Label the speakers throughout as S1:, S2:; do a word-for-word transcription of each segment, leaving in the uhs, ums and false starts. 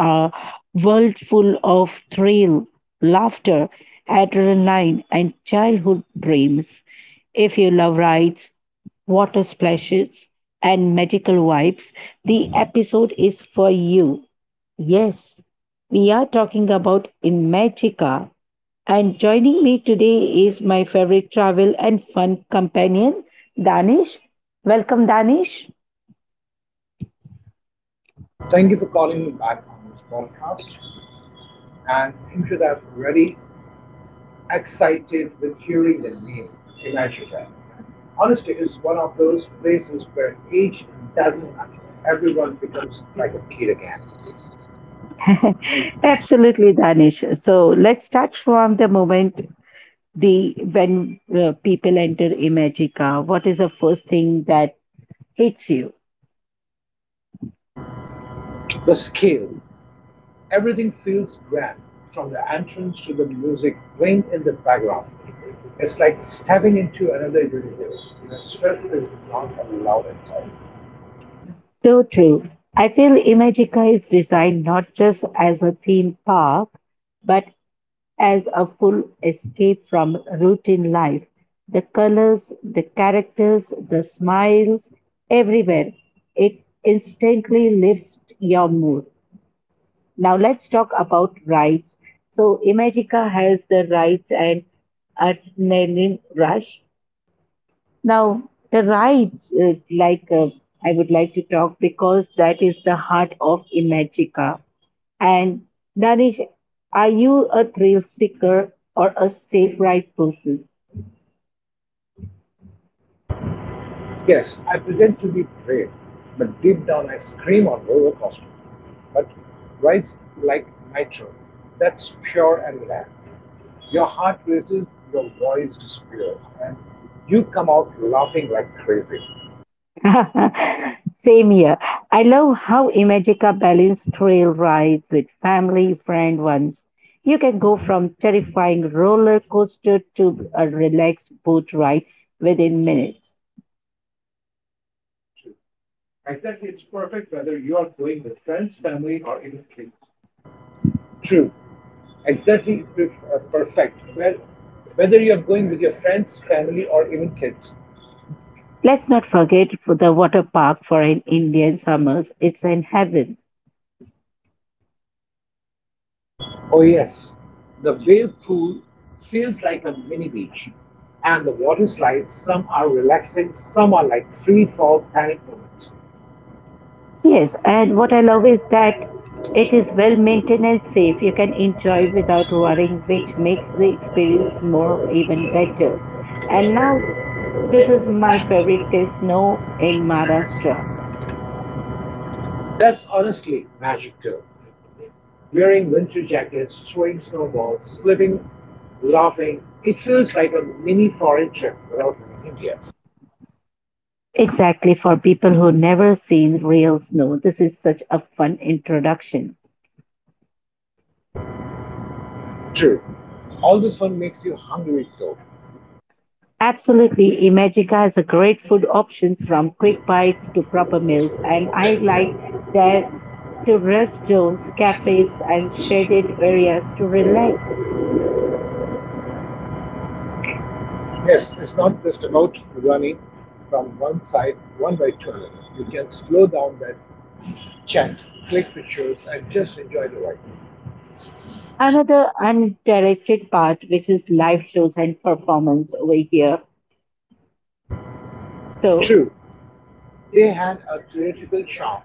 S1: world full of thrill, laughter, adrenaline, and childhood dreams. If you love rides, water splashes, and magical vibes, the episode is for you. Yes, we are talking about Imagica. And joining me today is my favorite travel and fun companion, Danish. Welcome, Danish.
S2: Thank you for calling me back on this podcast. And you should have already excited with hearing the name Imagica. Honesty is one of those places where age doesn't matter. Everyone becomes like a kid again.
S1: Absolutely, Danish. So let's start from the moment the when uh, people enter Imagica. What is the first thing that hits you?
S2: The scale, everything feels grand, from the entrance to the music playing in the background. It's like stepping into another universe. The stress is not allowed inside.
S1: So true. I feel Imagica is designed not just as a theme park, but as a full escape from routine life. The colors, the characters, the smiles, everywhere. It instantly lifts your mood. Now let's talk about rides. So Imagica has the rides and adrenaline rush. Now the rides, uh, like uh, I would like to talk because that is the heart of Imagica. And Danish, are you a thrill seeker or a safe ride person?
S2: Yes, I pretend to be brave, but deep down I scream on roller coaster. But rides like nitro, that's pure and rare. Your heart races, your voice disappears, and you come out laughing like crazy.
S1: Same here. I love how Imagica balanced trail rides with family friend ones. You can go from terrifying roller coaster to a relaxed boat ride within minutes.
S2: True, exactly it's perf- uh, perfect. Well, whether you're going with your friends, family, or even kids.
S1: Let's not forget for the water park for an Indian summers. It's in heaven.
S2: Oh, yes, the wave pool feels like a mini beach, and the water slides, some are relaxing, some are like free fall panic moments.
S1: Yes, and what I love is that it is well maintained and safe. You can enjoy without worrying, which makes the experience more even better. And now, this is my favorite is snow in Maharashtra.
S2: That's honestly magic, too. Wearing winter jackets, throwing snowballs, slipping, laughing. It feels like a mini foreign trip without leaving India.
S1: Exactly for people who never seen real snow, this is such a fun introduction.
S2: True. All this one makes you hungry though.
S1: Absolutely, Imagica has a great food options from quick bites to proper meals, and I like their to rest zones, cafes, and shaded areas to relax.
S2: Yes, it's not just about running from one side, one by two. You can slow down that chat, click pictures, and just enjoy the ride.
S1: Another undirected part, which is live shows and performance over here. So
S2: True, they had a theatrical charm.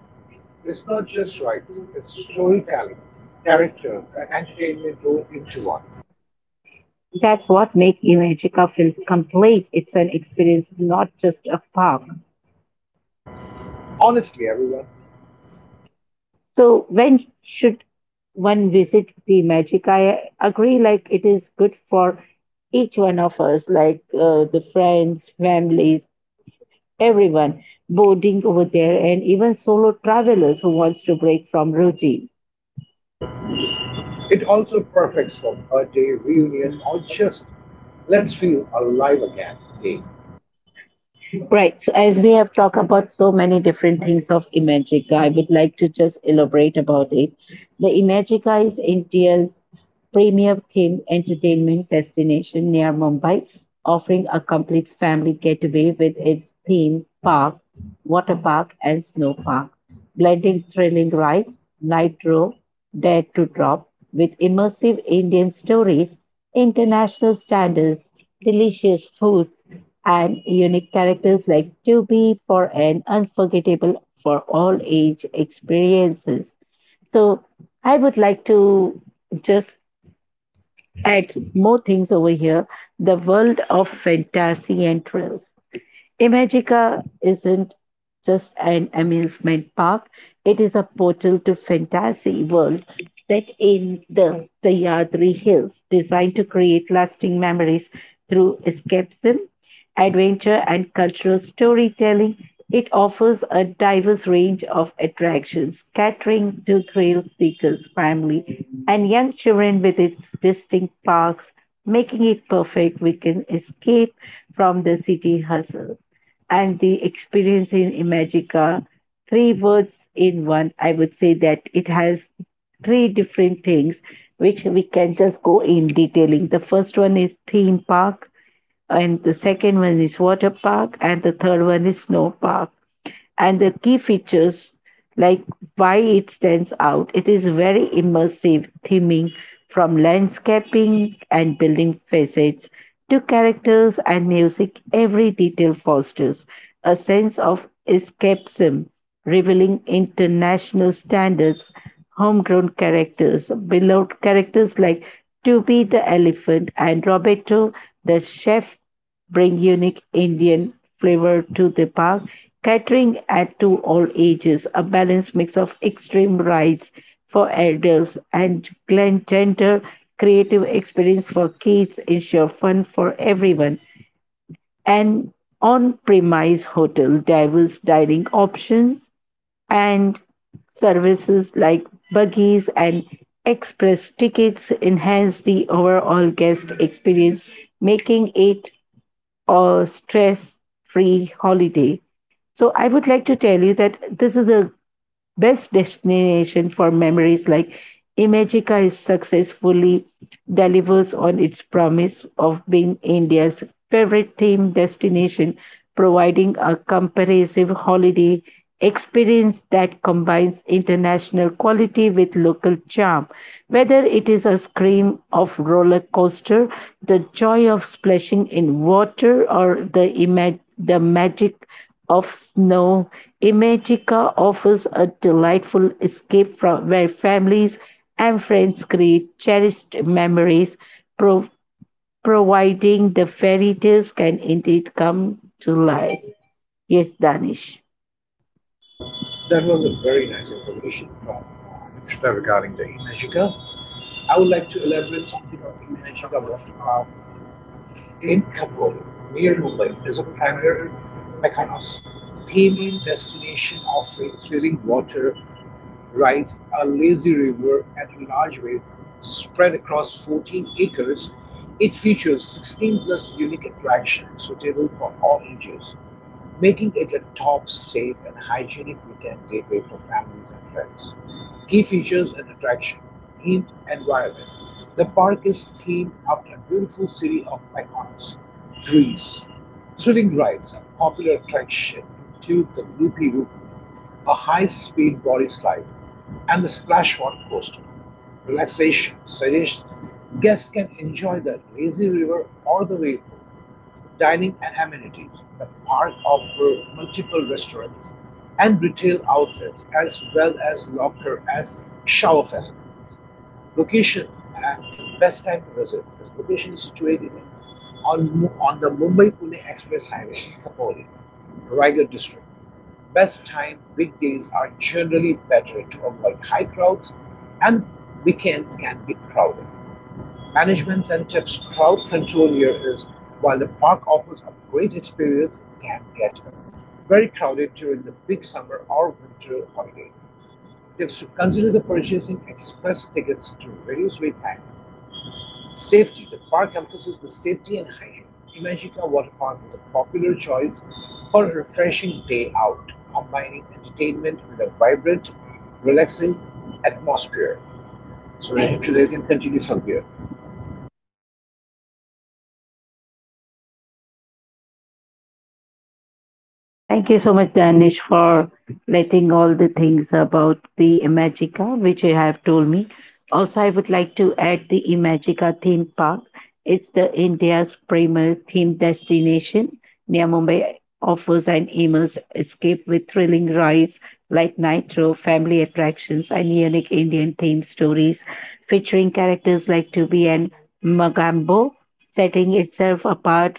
S2: It's not just rides, it's storytelling, characters, and entertainment rolled into one.
S1: that's what makes Imagica feel complete. It's an experience, not just a park.
S2: Honestly, everyone,
S1: So when should one visit the magic? I agree, like it is good for each one of us, like uh, the friends, families, everyone boarding over there, and even solo travelers who wants to break from routine.
S2: it also perfects for birthday, reunion, or just let's feel alive again days.
S1: Right. So as we have talked about so many different things of Imagica, I would like to just elaborate about it. The Imagica is India's premier theme entertainment destination near Mumbai, offering a complete family getaway with its theme park, water park, and snow park blending thrilling rides, Nitro, Dare to Drop, with immersive Indian stories, international standards, delicious foods, and unique characters like Tubi for an unforgettable for all age experiences. So I would like to just add more things over here the world of fantasy and thrills. Imagica isn't just an amusement park, it is a portal to fantasy world set in the Sahyadri Hills, designed to create lasting memories through escapism, adventure, and cultural storytelling. It offers a diverse range of attractions, catering to thrill seekers, family, and young children with its distinct parks, making it perfect We can escape from the city hustle. And the experience in Imagica, three words in one, I would say that it has three different things which we can just go in detailing. The first one is theme park, and the second one is water park, and the third one is snow park. And the key features, like why it stands out, it is very immersive theming from landscaping and building facades to characters and music. Every detail fosters a sense of escapism revealing international standards, homegrown characters, beloved characters like Toby the elephant and Roberto the chef bring unique Indian flavor to the park, catering at to all ages, a balanced mix of extreme rides for adults and glen- gender creative experience for kids ensure fun for everyone an on-premise hotel diverse dining options and services like buggies and express tickets enhance the overall guest experience, making it a stress-free holiday. So I would like to tell you that this is the best destination for memories like Imagica is successfully delivers on its promise of being India's favorite theme destination, providing a comprehensive holiday experience that combines international quality with local charm. Whether it is a scream of roller coaster, the joy of splashing in water, or the imag- the magic of snow, Imagica offers a delightful escape from where families and friends create cherished memories, pro- providing the fairy tales can indeed come to life. Yes, Danish.
S2: That was a very nice information from uh, regarding the Imagika. I would like to elaborate something on Imagika water park in Khamboli, near Mumbai. It is a premier Mykonos themed destination offering thrilling water rides, a lazy river at a large wave spread across fourteen acres. It features sixteen plus unique attractions suitable for all ages, making it a top, safe, and hygienic weekend gateway for families and friends. Key features and attraction, themed environment. The park is themed after a beautiful city of icons, Greece. Thrilling rides and popular attraction include the Loopy Loop, a high-speed body slide, and the splash water coaster. Relaxation suggestions. Guests can enjoy the lazy river or the wave pool. Dining and amenities. The park offers multiple restaurants and retail outlets as well as locker and shower facilities. Location and the best time to visit. This location is situated on on the Mumbai-Pune Express Highway, Khopoli, Raigad district. Best time, weekdays are generally better to avoid high crowds, and weekends can be crowded. Management and tips, crowd control here is, while the park offers a great experience, it can get very crowded during the big summer or winter holiday. They should consider the purchasing express tickets to reduce wait time. Safety. The park emphasizes the safety and hygiene. Imagika Water Park is a popular choice for a refreshing day out, combining entertainment with a vibrant, relaxing atmosphere. So, if you can continue from here.
S1: Thank you so much, Danish, for letting all the things about the Imagica, which you have told me. Also, I would like to add the Imagica theme park. It's the India's premier theme destination near Mumbai. Offers an immersive escape with thrilling rides like Nitro, family attractions, and unique Indian themed stories featuring characters like Tubi and Magambo, setting itself apart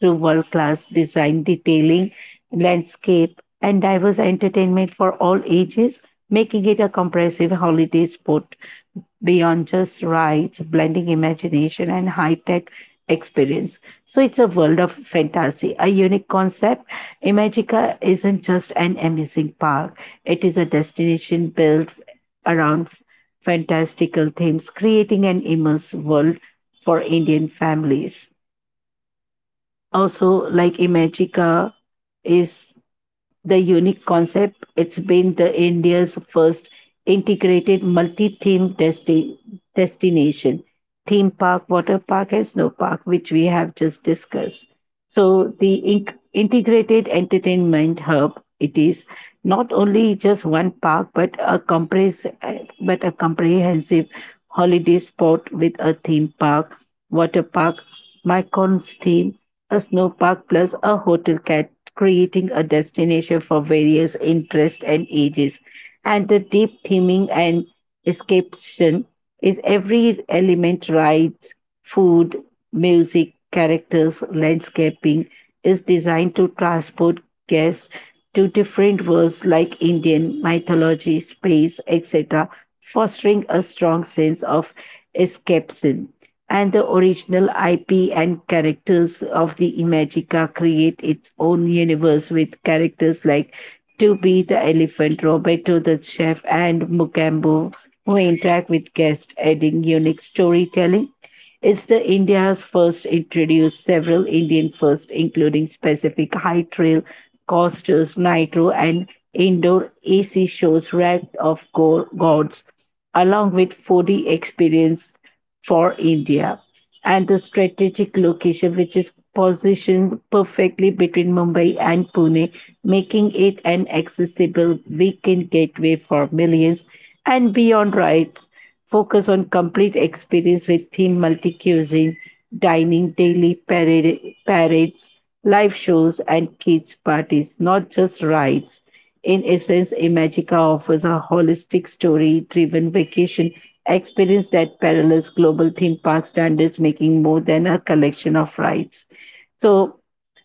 S1: through world class design detailing landscape, and diverse entertainment for all ages, making it a comprehensive holiday spot beyond just rides, blending imagination and high tech experience. So it's a world of fantasy, a unique concept. Imagica isn't just an amusing park, it is a destination built around fantastical themes, creating an immersive world for Indian families. Also, like Imagica is the unique concept. It's been the India's first integrated multi-theme desti- destination, theme park, water park, and snow park, which we have just discussed. So the in- integrated entertainment hub it is not only just one park but a compres- uh, but a comprehensive holiday spot with a theme park, water park, Mykon's theme, a snow park plus a hotel creating a destination for various interests and ages. And the deep theming and escapation is every element rides, food, music, characters, landscaping is designed to transport guests to different worlds like Indian mythology, space, et cetera, fostering a strong sense of escapism and the original I P and characters of the Imagica create its own universe with characters like Tubby the elephant, Roberto the chef, and Mukambo who interact with guests, adding unique storytelling. It's the India's first introduced several Indian firsts, including specific high trail, coasters, nitro, and indoor A C shows racked of go- gods, along with four D experience for India and the strategic location, which is positioned perfectly between Mumbai and Pune, making it an accessible weekend gateway for millions. And beyond rides, focus on complete experience with theme multi cuisine, dining, daily parade, parades, live shows, and kids' parties, not just rides. In essence, Imagica offers a holistic story driven vacation experience that parallels global theme park standards, making more than a collection of rides. So,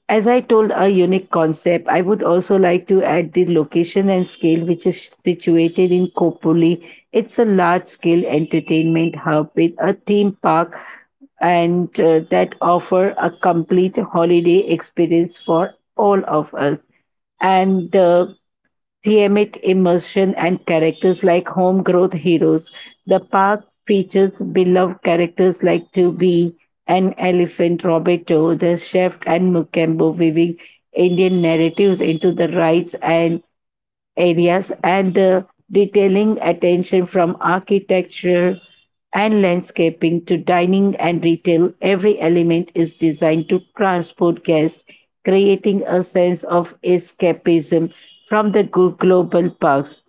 S1: as I told, a unique concept. I would also like to add the location and scale, which is situated in Kopoli. It's a large scale entertainment hub with a theme park and uh, that offer a complete holiday experience for all of us. And uh, Tiamat immersion and characters like home growth heroes. The park features beloved characters like Tubi, an elephant, Roberto, the chef, and Mukembo, weaving Indian narratives into the rides and areas and the detailing attention from architecture and landscaping to dining and retail, every element is designed to transport guests, creating a sense of escapism from the glo- global parks.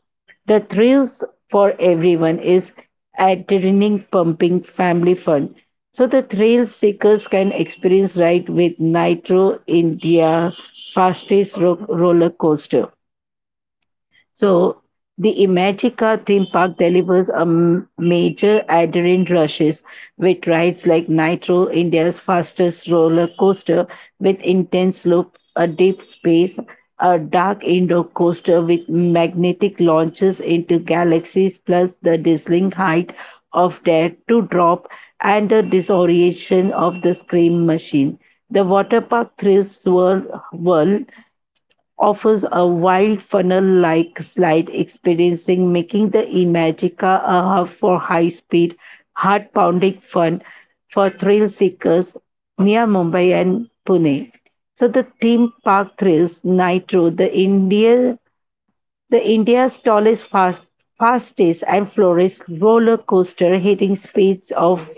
S1: The thrills for everyone is adrenaline pumping family fun. So the thrill seekers can experience ride with Nitro India fastest ro- roller coaster so the Imagica theme park delivers a m- major adrenaline rushes with rides like Nitro, India's fastest roller coaster with intense loop, a deep space, a dark indoor coaster with magnetic launches into galaxies, plus the dazzling height of Dare to Drop and the disorientation of the Scream Machine. The water park thrills swirl, whirl offers a wild funnel-like slide experiencing making the Imagica a hub for high-speed, heart-pounding fun for thrill seekers near Mumbai and Pune. So the theme park thrills Nitro, the India the India's tallest, fast, fastest, and slowest roller coaster, hitting speeds of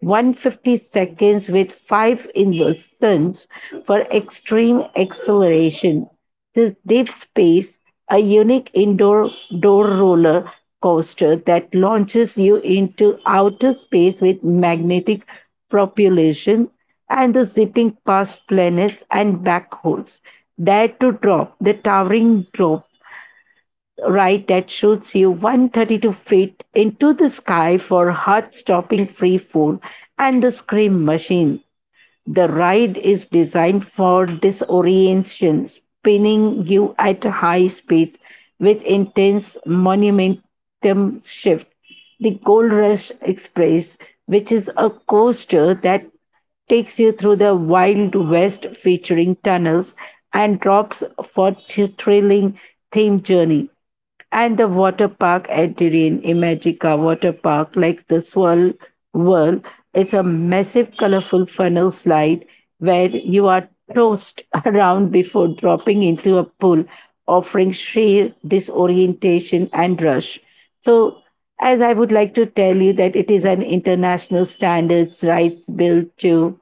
S1: one hundred fifty seconds with five inversions for extreme acceleration. This deep space, a unique indoor door roller coaster that launches you into outer space with magnetic propulsion and the zipping past planets and black holes. Dare to drop the towering drop right that shoots you one hundred thirty-two feet into the sky for heart stopping free fall and the scream machine. The ride is designed for disorientation, spinning you at high speeds with intense momentum shift. The Gold Rush Express, which is a coaster that takes you through the Wild West featuring tunnels and drops for a thrilling theme journey. And the water park at Dirin, Imagica Water Park, like the Swirl Whirl, is a massive colorful funnel slide where you are tossed around before dropping into a pool, offering sheer disorientation and rush. So, as I would like to tell you that it is an international standards rights built to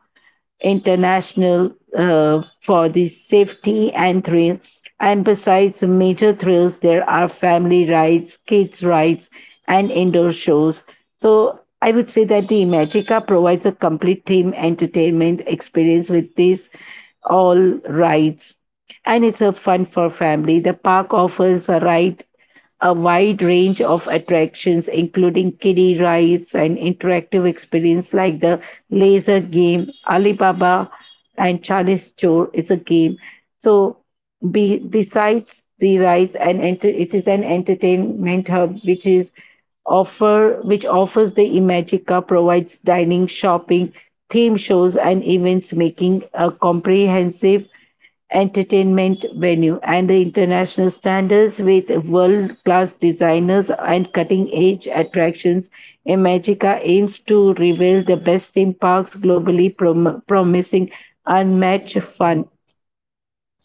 S1: international uh, for the safety and thrill. And besides major thrills, there are family rides, kids rides, and indoor shows. So I would say that the Magica provides a complete theme entertainment experience with these all rides. And it's a fun for family. The park offers a ride a wide range of attractions, including kiddie rides and interactive experience like the laser game, Alibaba and Chinese Chor is a game. So be, besides the rides and enter, it is an entertainment hub which is offer which offers the Imagica provides dining, shopping, theme shows and events making a comprehensive entertainment venue and the international standards with world class designers and cutting edge attractions. Imagica aims to reveal the best theme parks globally, prom- promising unmatched fun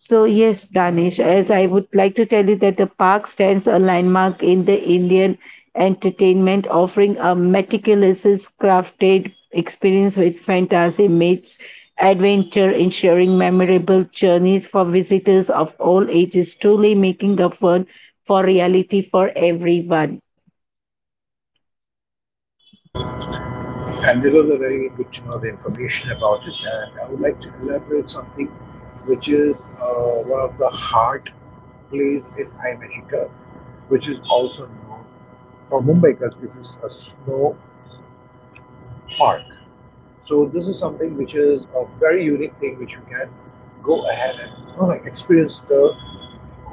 S1: so, yes, Danish, as I would like to tell you that the park stands a landmark in the Indian entertainment, offering a meticulously crafted experience with fantasy meets adventure, ensuring memorable journeys for visitors of all ages, truly making a fun for reality for everyone.
S2: And there was a very good to know the information about it. And I would like to elaborate something which is uh, one of the heart plays in Imagicur, which is also known for Mumbai because this is a snow park. So this is something which is a very unique thing which you can go ahead and you know, like experience the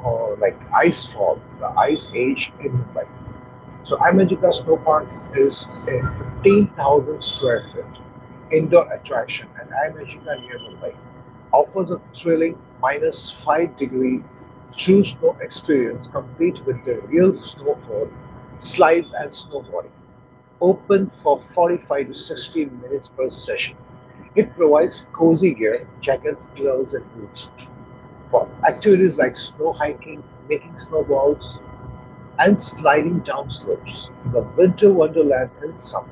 S2: uh, like ice fall, the ice age in Mumbai. So America Snow Park is a fifteen thousand square foot indoor attraction and America near Mumbai offers a thrilling minus five degree true snow experience complete with the real snowfall, slides and snowboarding. Open for forty-five to sixty minutes per session. It provides cozy gear, jackets, gloves and boots for activities like snow hiking, making snowballs, and sliding down slopes in the winter wonderland and summer.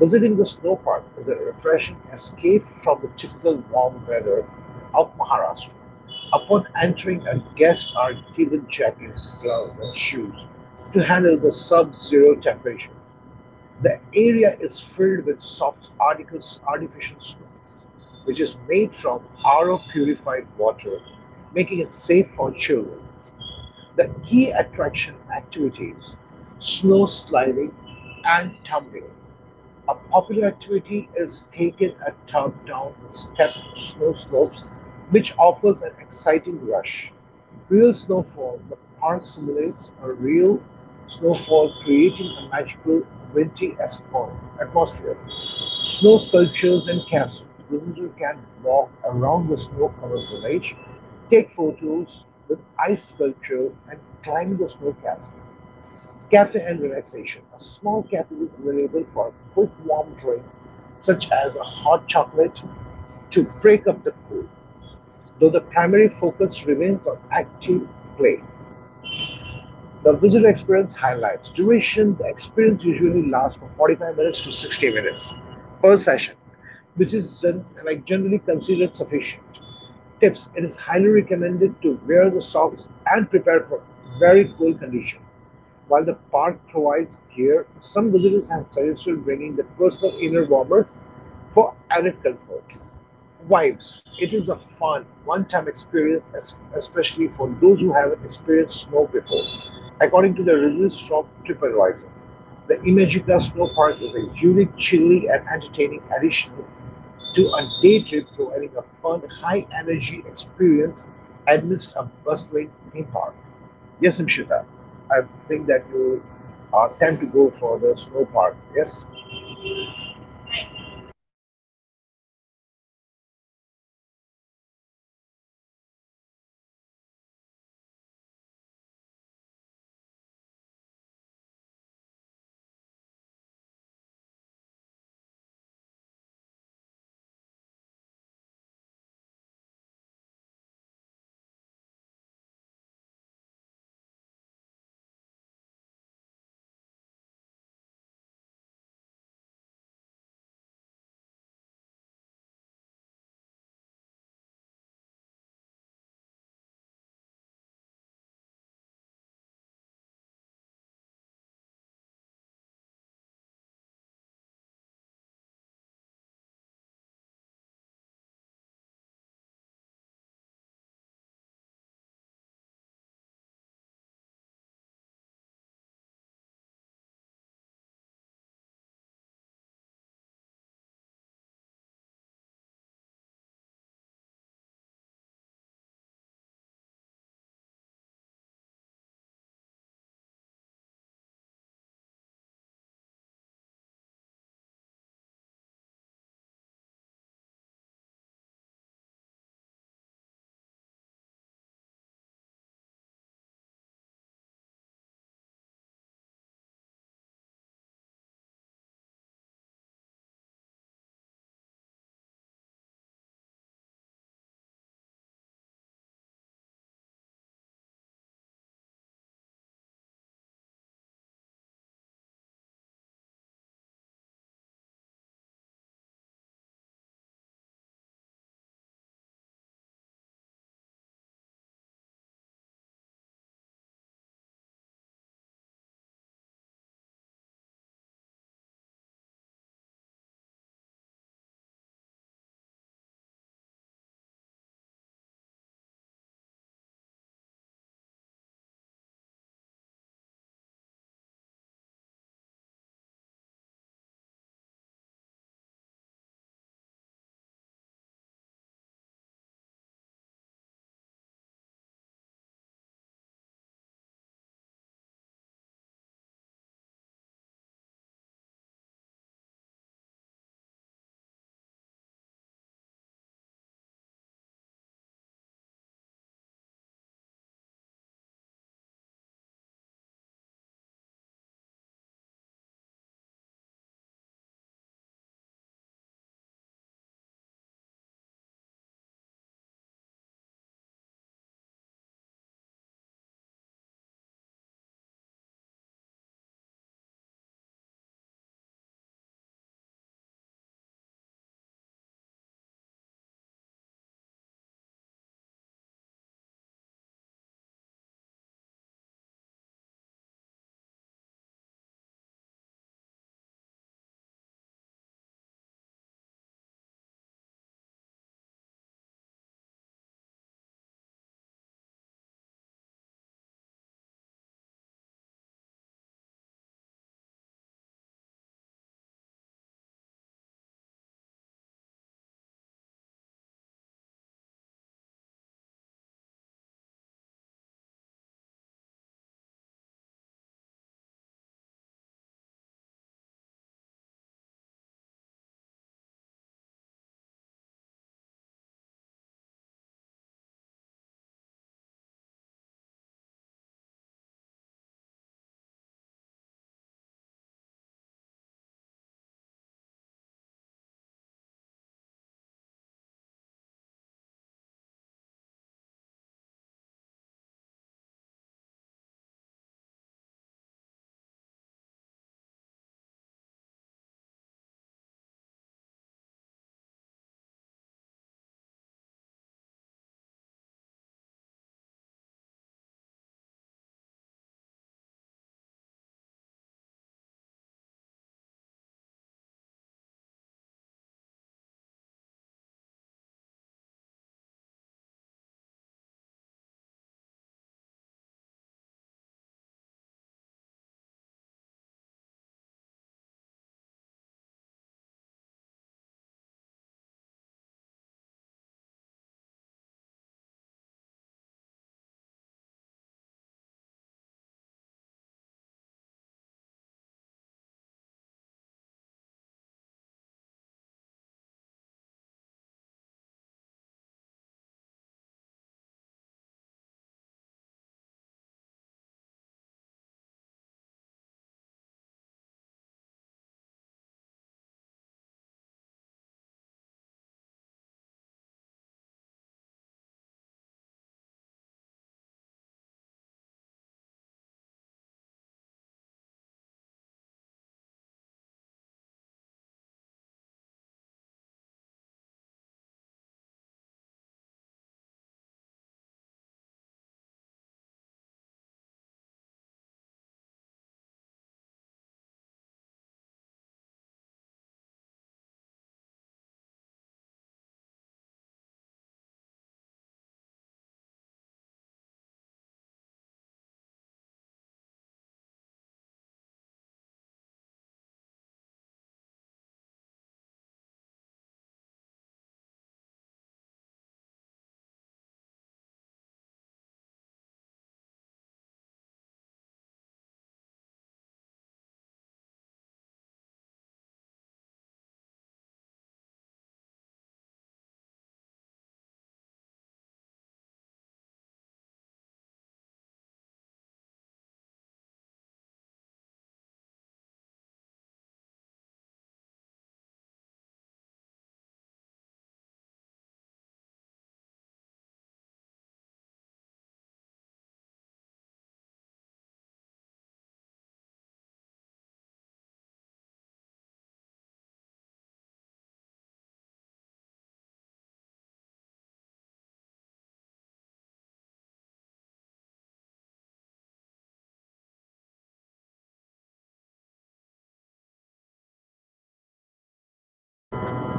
S2: Visiting the snow park is a refreshing escape from the typical warm weather of Maharashtra. Upon entering, a guests are given jackets, gloves, and shoes to handle the sub-zero temperature. The area is filled with soft articles, artificial snow, which is made from R O purified water, making it safe for children. The key attraction activities, snow sliding and tumbling. A popular activity is taking a tub down steep snow slopes, which offers an exciting rush. Real snowfall, the park simulates a real snowfall, creating a magical wintry espo- atmosphere. Snow sculptures and castles. Visitors can walk around the snow covered village. Take photos with ice sculpture and climb the snow caps. Cafe and relaxation. A small cafe is available for a quick warm drink, such as a hot chocolate, to break up the cool, though the primary focus remains on active play. The visitor experience highlights duration. The experience usually lasts from forty-five minutes to sixty minutes per session, which is gen- like generally considered sufficient. Tips: It is highly recommended to wear the socks and prepare for very cold condition. While the park provides gear, some visitors have suggested bringing their personal inner warmers for added comfort. Vibes. It is a fun, one-time experience, especially for those who haven't experienced snow before. According to the reviews from TripAdvisor, the Imagica Snow Park is a unique, chilly, and entertaining addition to a day trip providing a fun, high energy experience amidst a bustling theme park. Yes, Imshita, I think that you are time to go for the snow park. Yes?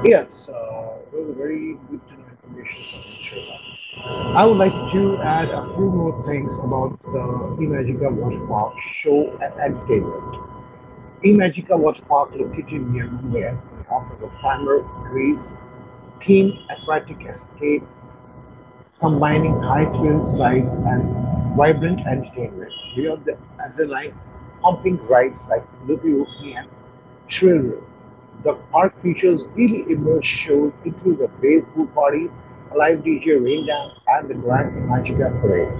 S2: Yes, uh, it was a very good to know information from Imshita. I would like to add a few more things about the Imagica Water Park show and entertainment. Imagica Water Park, located near Mumbai, offers a primer, breeze, themed aquatic escape combining high-thrill slides and vibrant entertainment we via the adrenaline-pumping rides like Loopy Whoopie and Shrill. The park features really immersive shows including the Wave Pool Party, a live D J rain dance, and the Grand Magica Parade.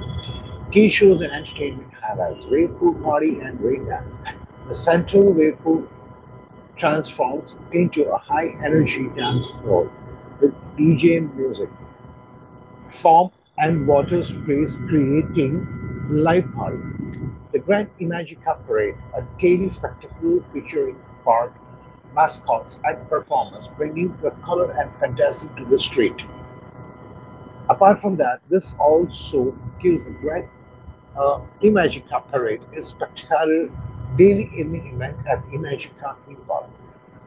S2: Key shows and entertainment highlights, Wave Pool Party and Rain Dance. The central wave pool transforms into a high energy dance floor with D J music form and water sprays creating Liveparade, the Grand Imagica Parade, a daily spectacle featuring park mascots and performers bringing the color and fantasy to the street. Apart from that, this also gives the Grand uh, Imagica Parade a spectacular daily evening event at the Imagica Theme Park,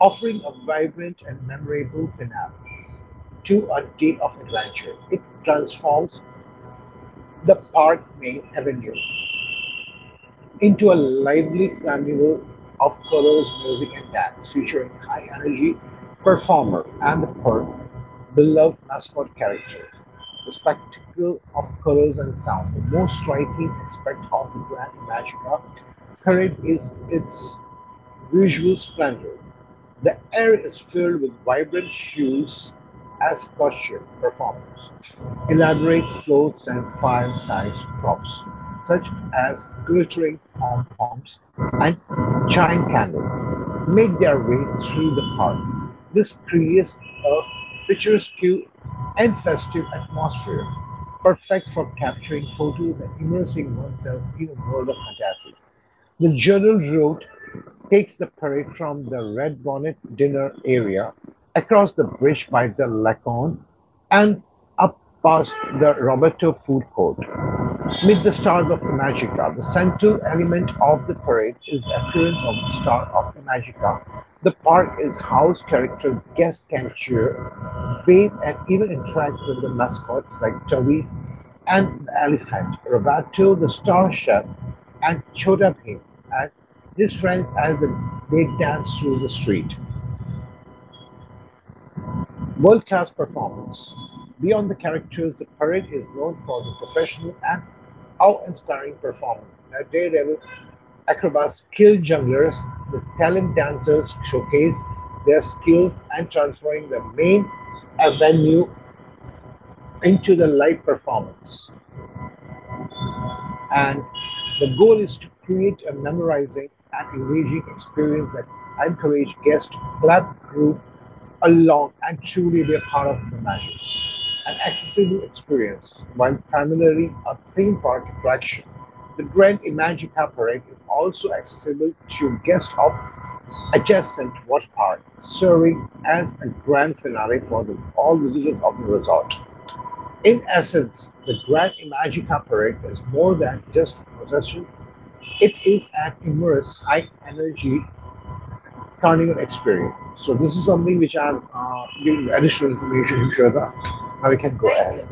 S2: offering a vibrant and memorable finale to a day of adventure. It transforms the park Main Avenue into a lively carnival of colors, music, and dance, featuring high-energy performer and the park's beloved mascot character. The spectacle of colors and sounds, the most striking aspect of the Grand Imagina parade is its visual splendor. The air is filled with vibrant hues as costume performers, elaborate floats and file sized props, such as glittering pom-poms and giant candles, make their way through the park. This creates a picturesque and festive atmosphere, perfect for capturing photos and immersing oneself in a world of fantasy. The journal route takes the parade from the Red Bonnet dinner area, across the bridge by the Lacon, and up past the Roberto food court. Meet the Stars of Magica. The central element of the parade is the appearance of the Star of Magica. The park is house character, guests can cheer, wave, and even interact with the mascots like Toby and the elephant, Roberto the star chef, and shot at him and his friends as they danced through the street. World class performance. Beyond the characters, the parade is known for the professional and awe inspiring performance. That daredevil acrobats, skilled junglers, the talent dancers showcase their skills and transforming the main avenue into the live performance. And the goal is to create a memorizing and engaging experience that encourage guests to clap, group along, and truly be a part of the magic. An accessible experience, while primarily a theme park attraction, the Grand Imagica Parade is also accessible to guests of adjacent water park, serving as a grand finale for the, all visitors of the resort. In essence, the Grand Imagica Parade is more than just a procession, it is an immersive, high energy carnival experience. So, this is something which I'm uh, giving you additional information, Shweta. Now we can go ahead.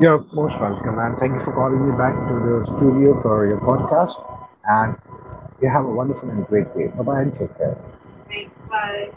S2: You're most welcome, and thank you for calling me back to the studio for your podcast. And you have a wonderful and great day. Bye bye and take care. Bye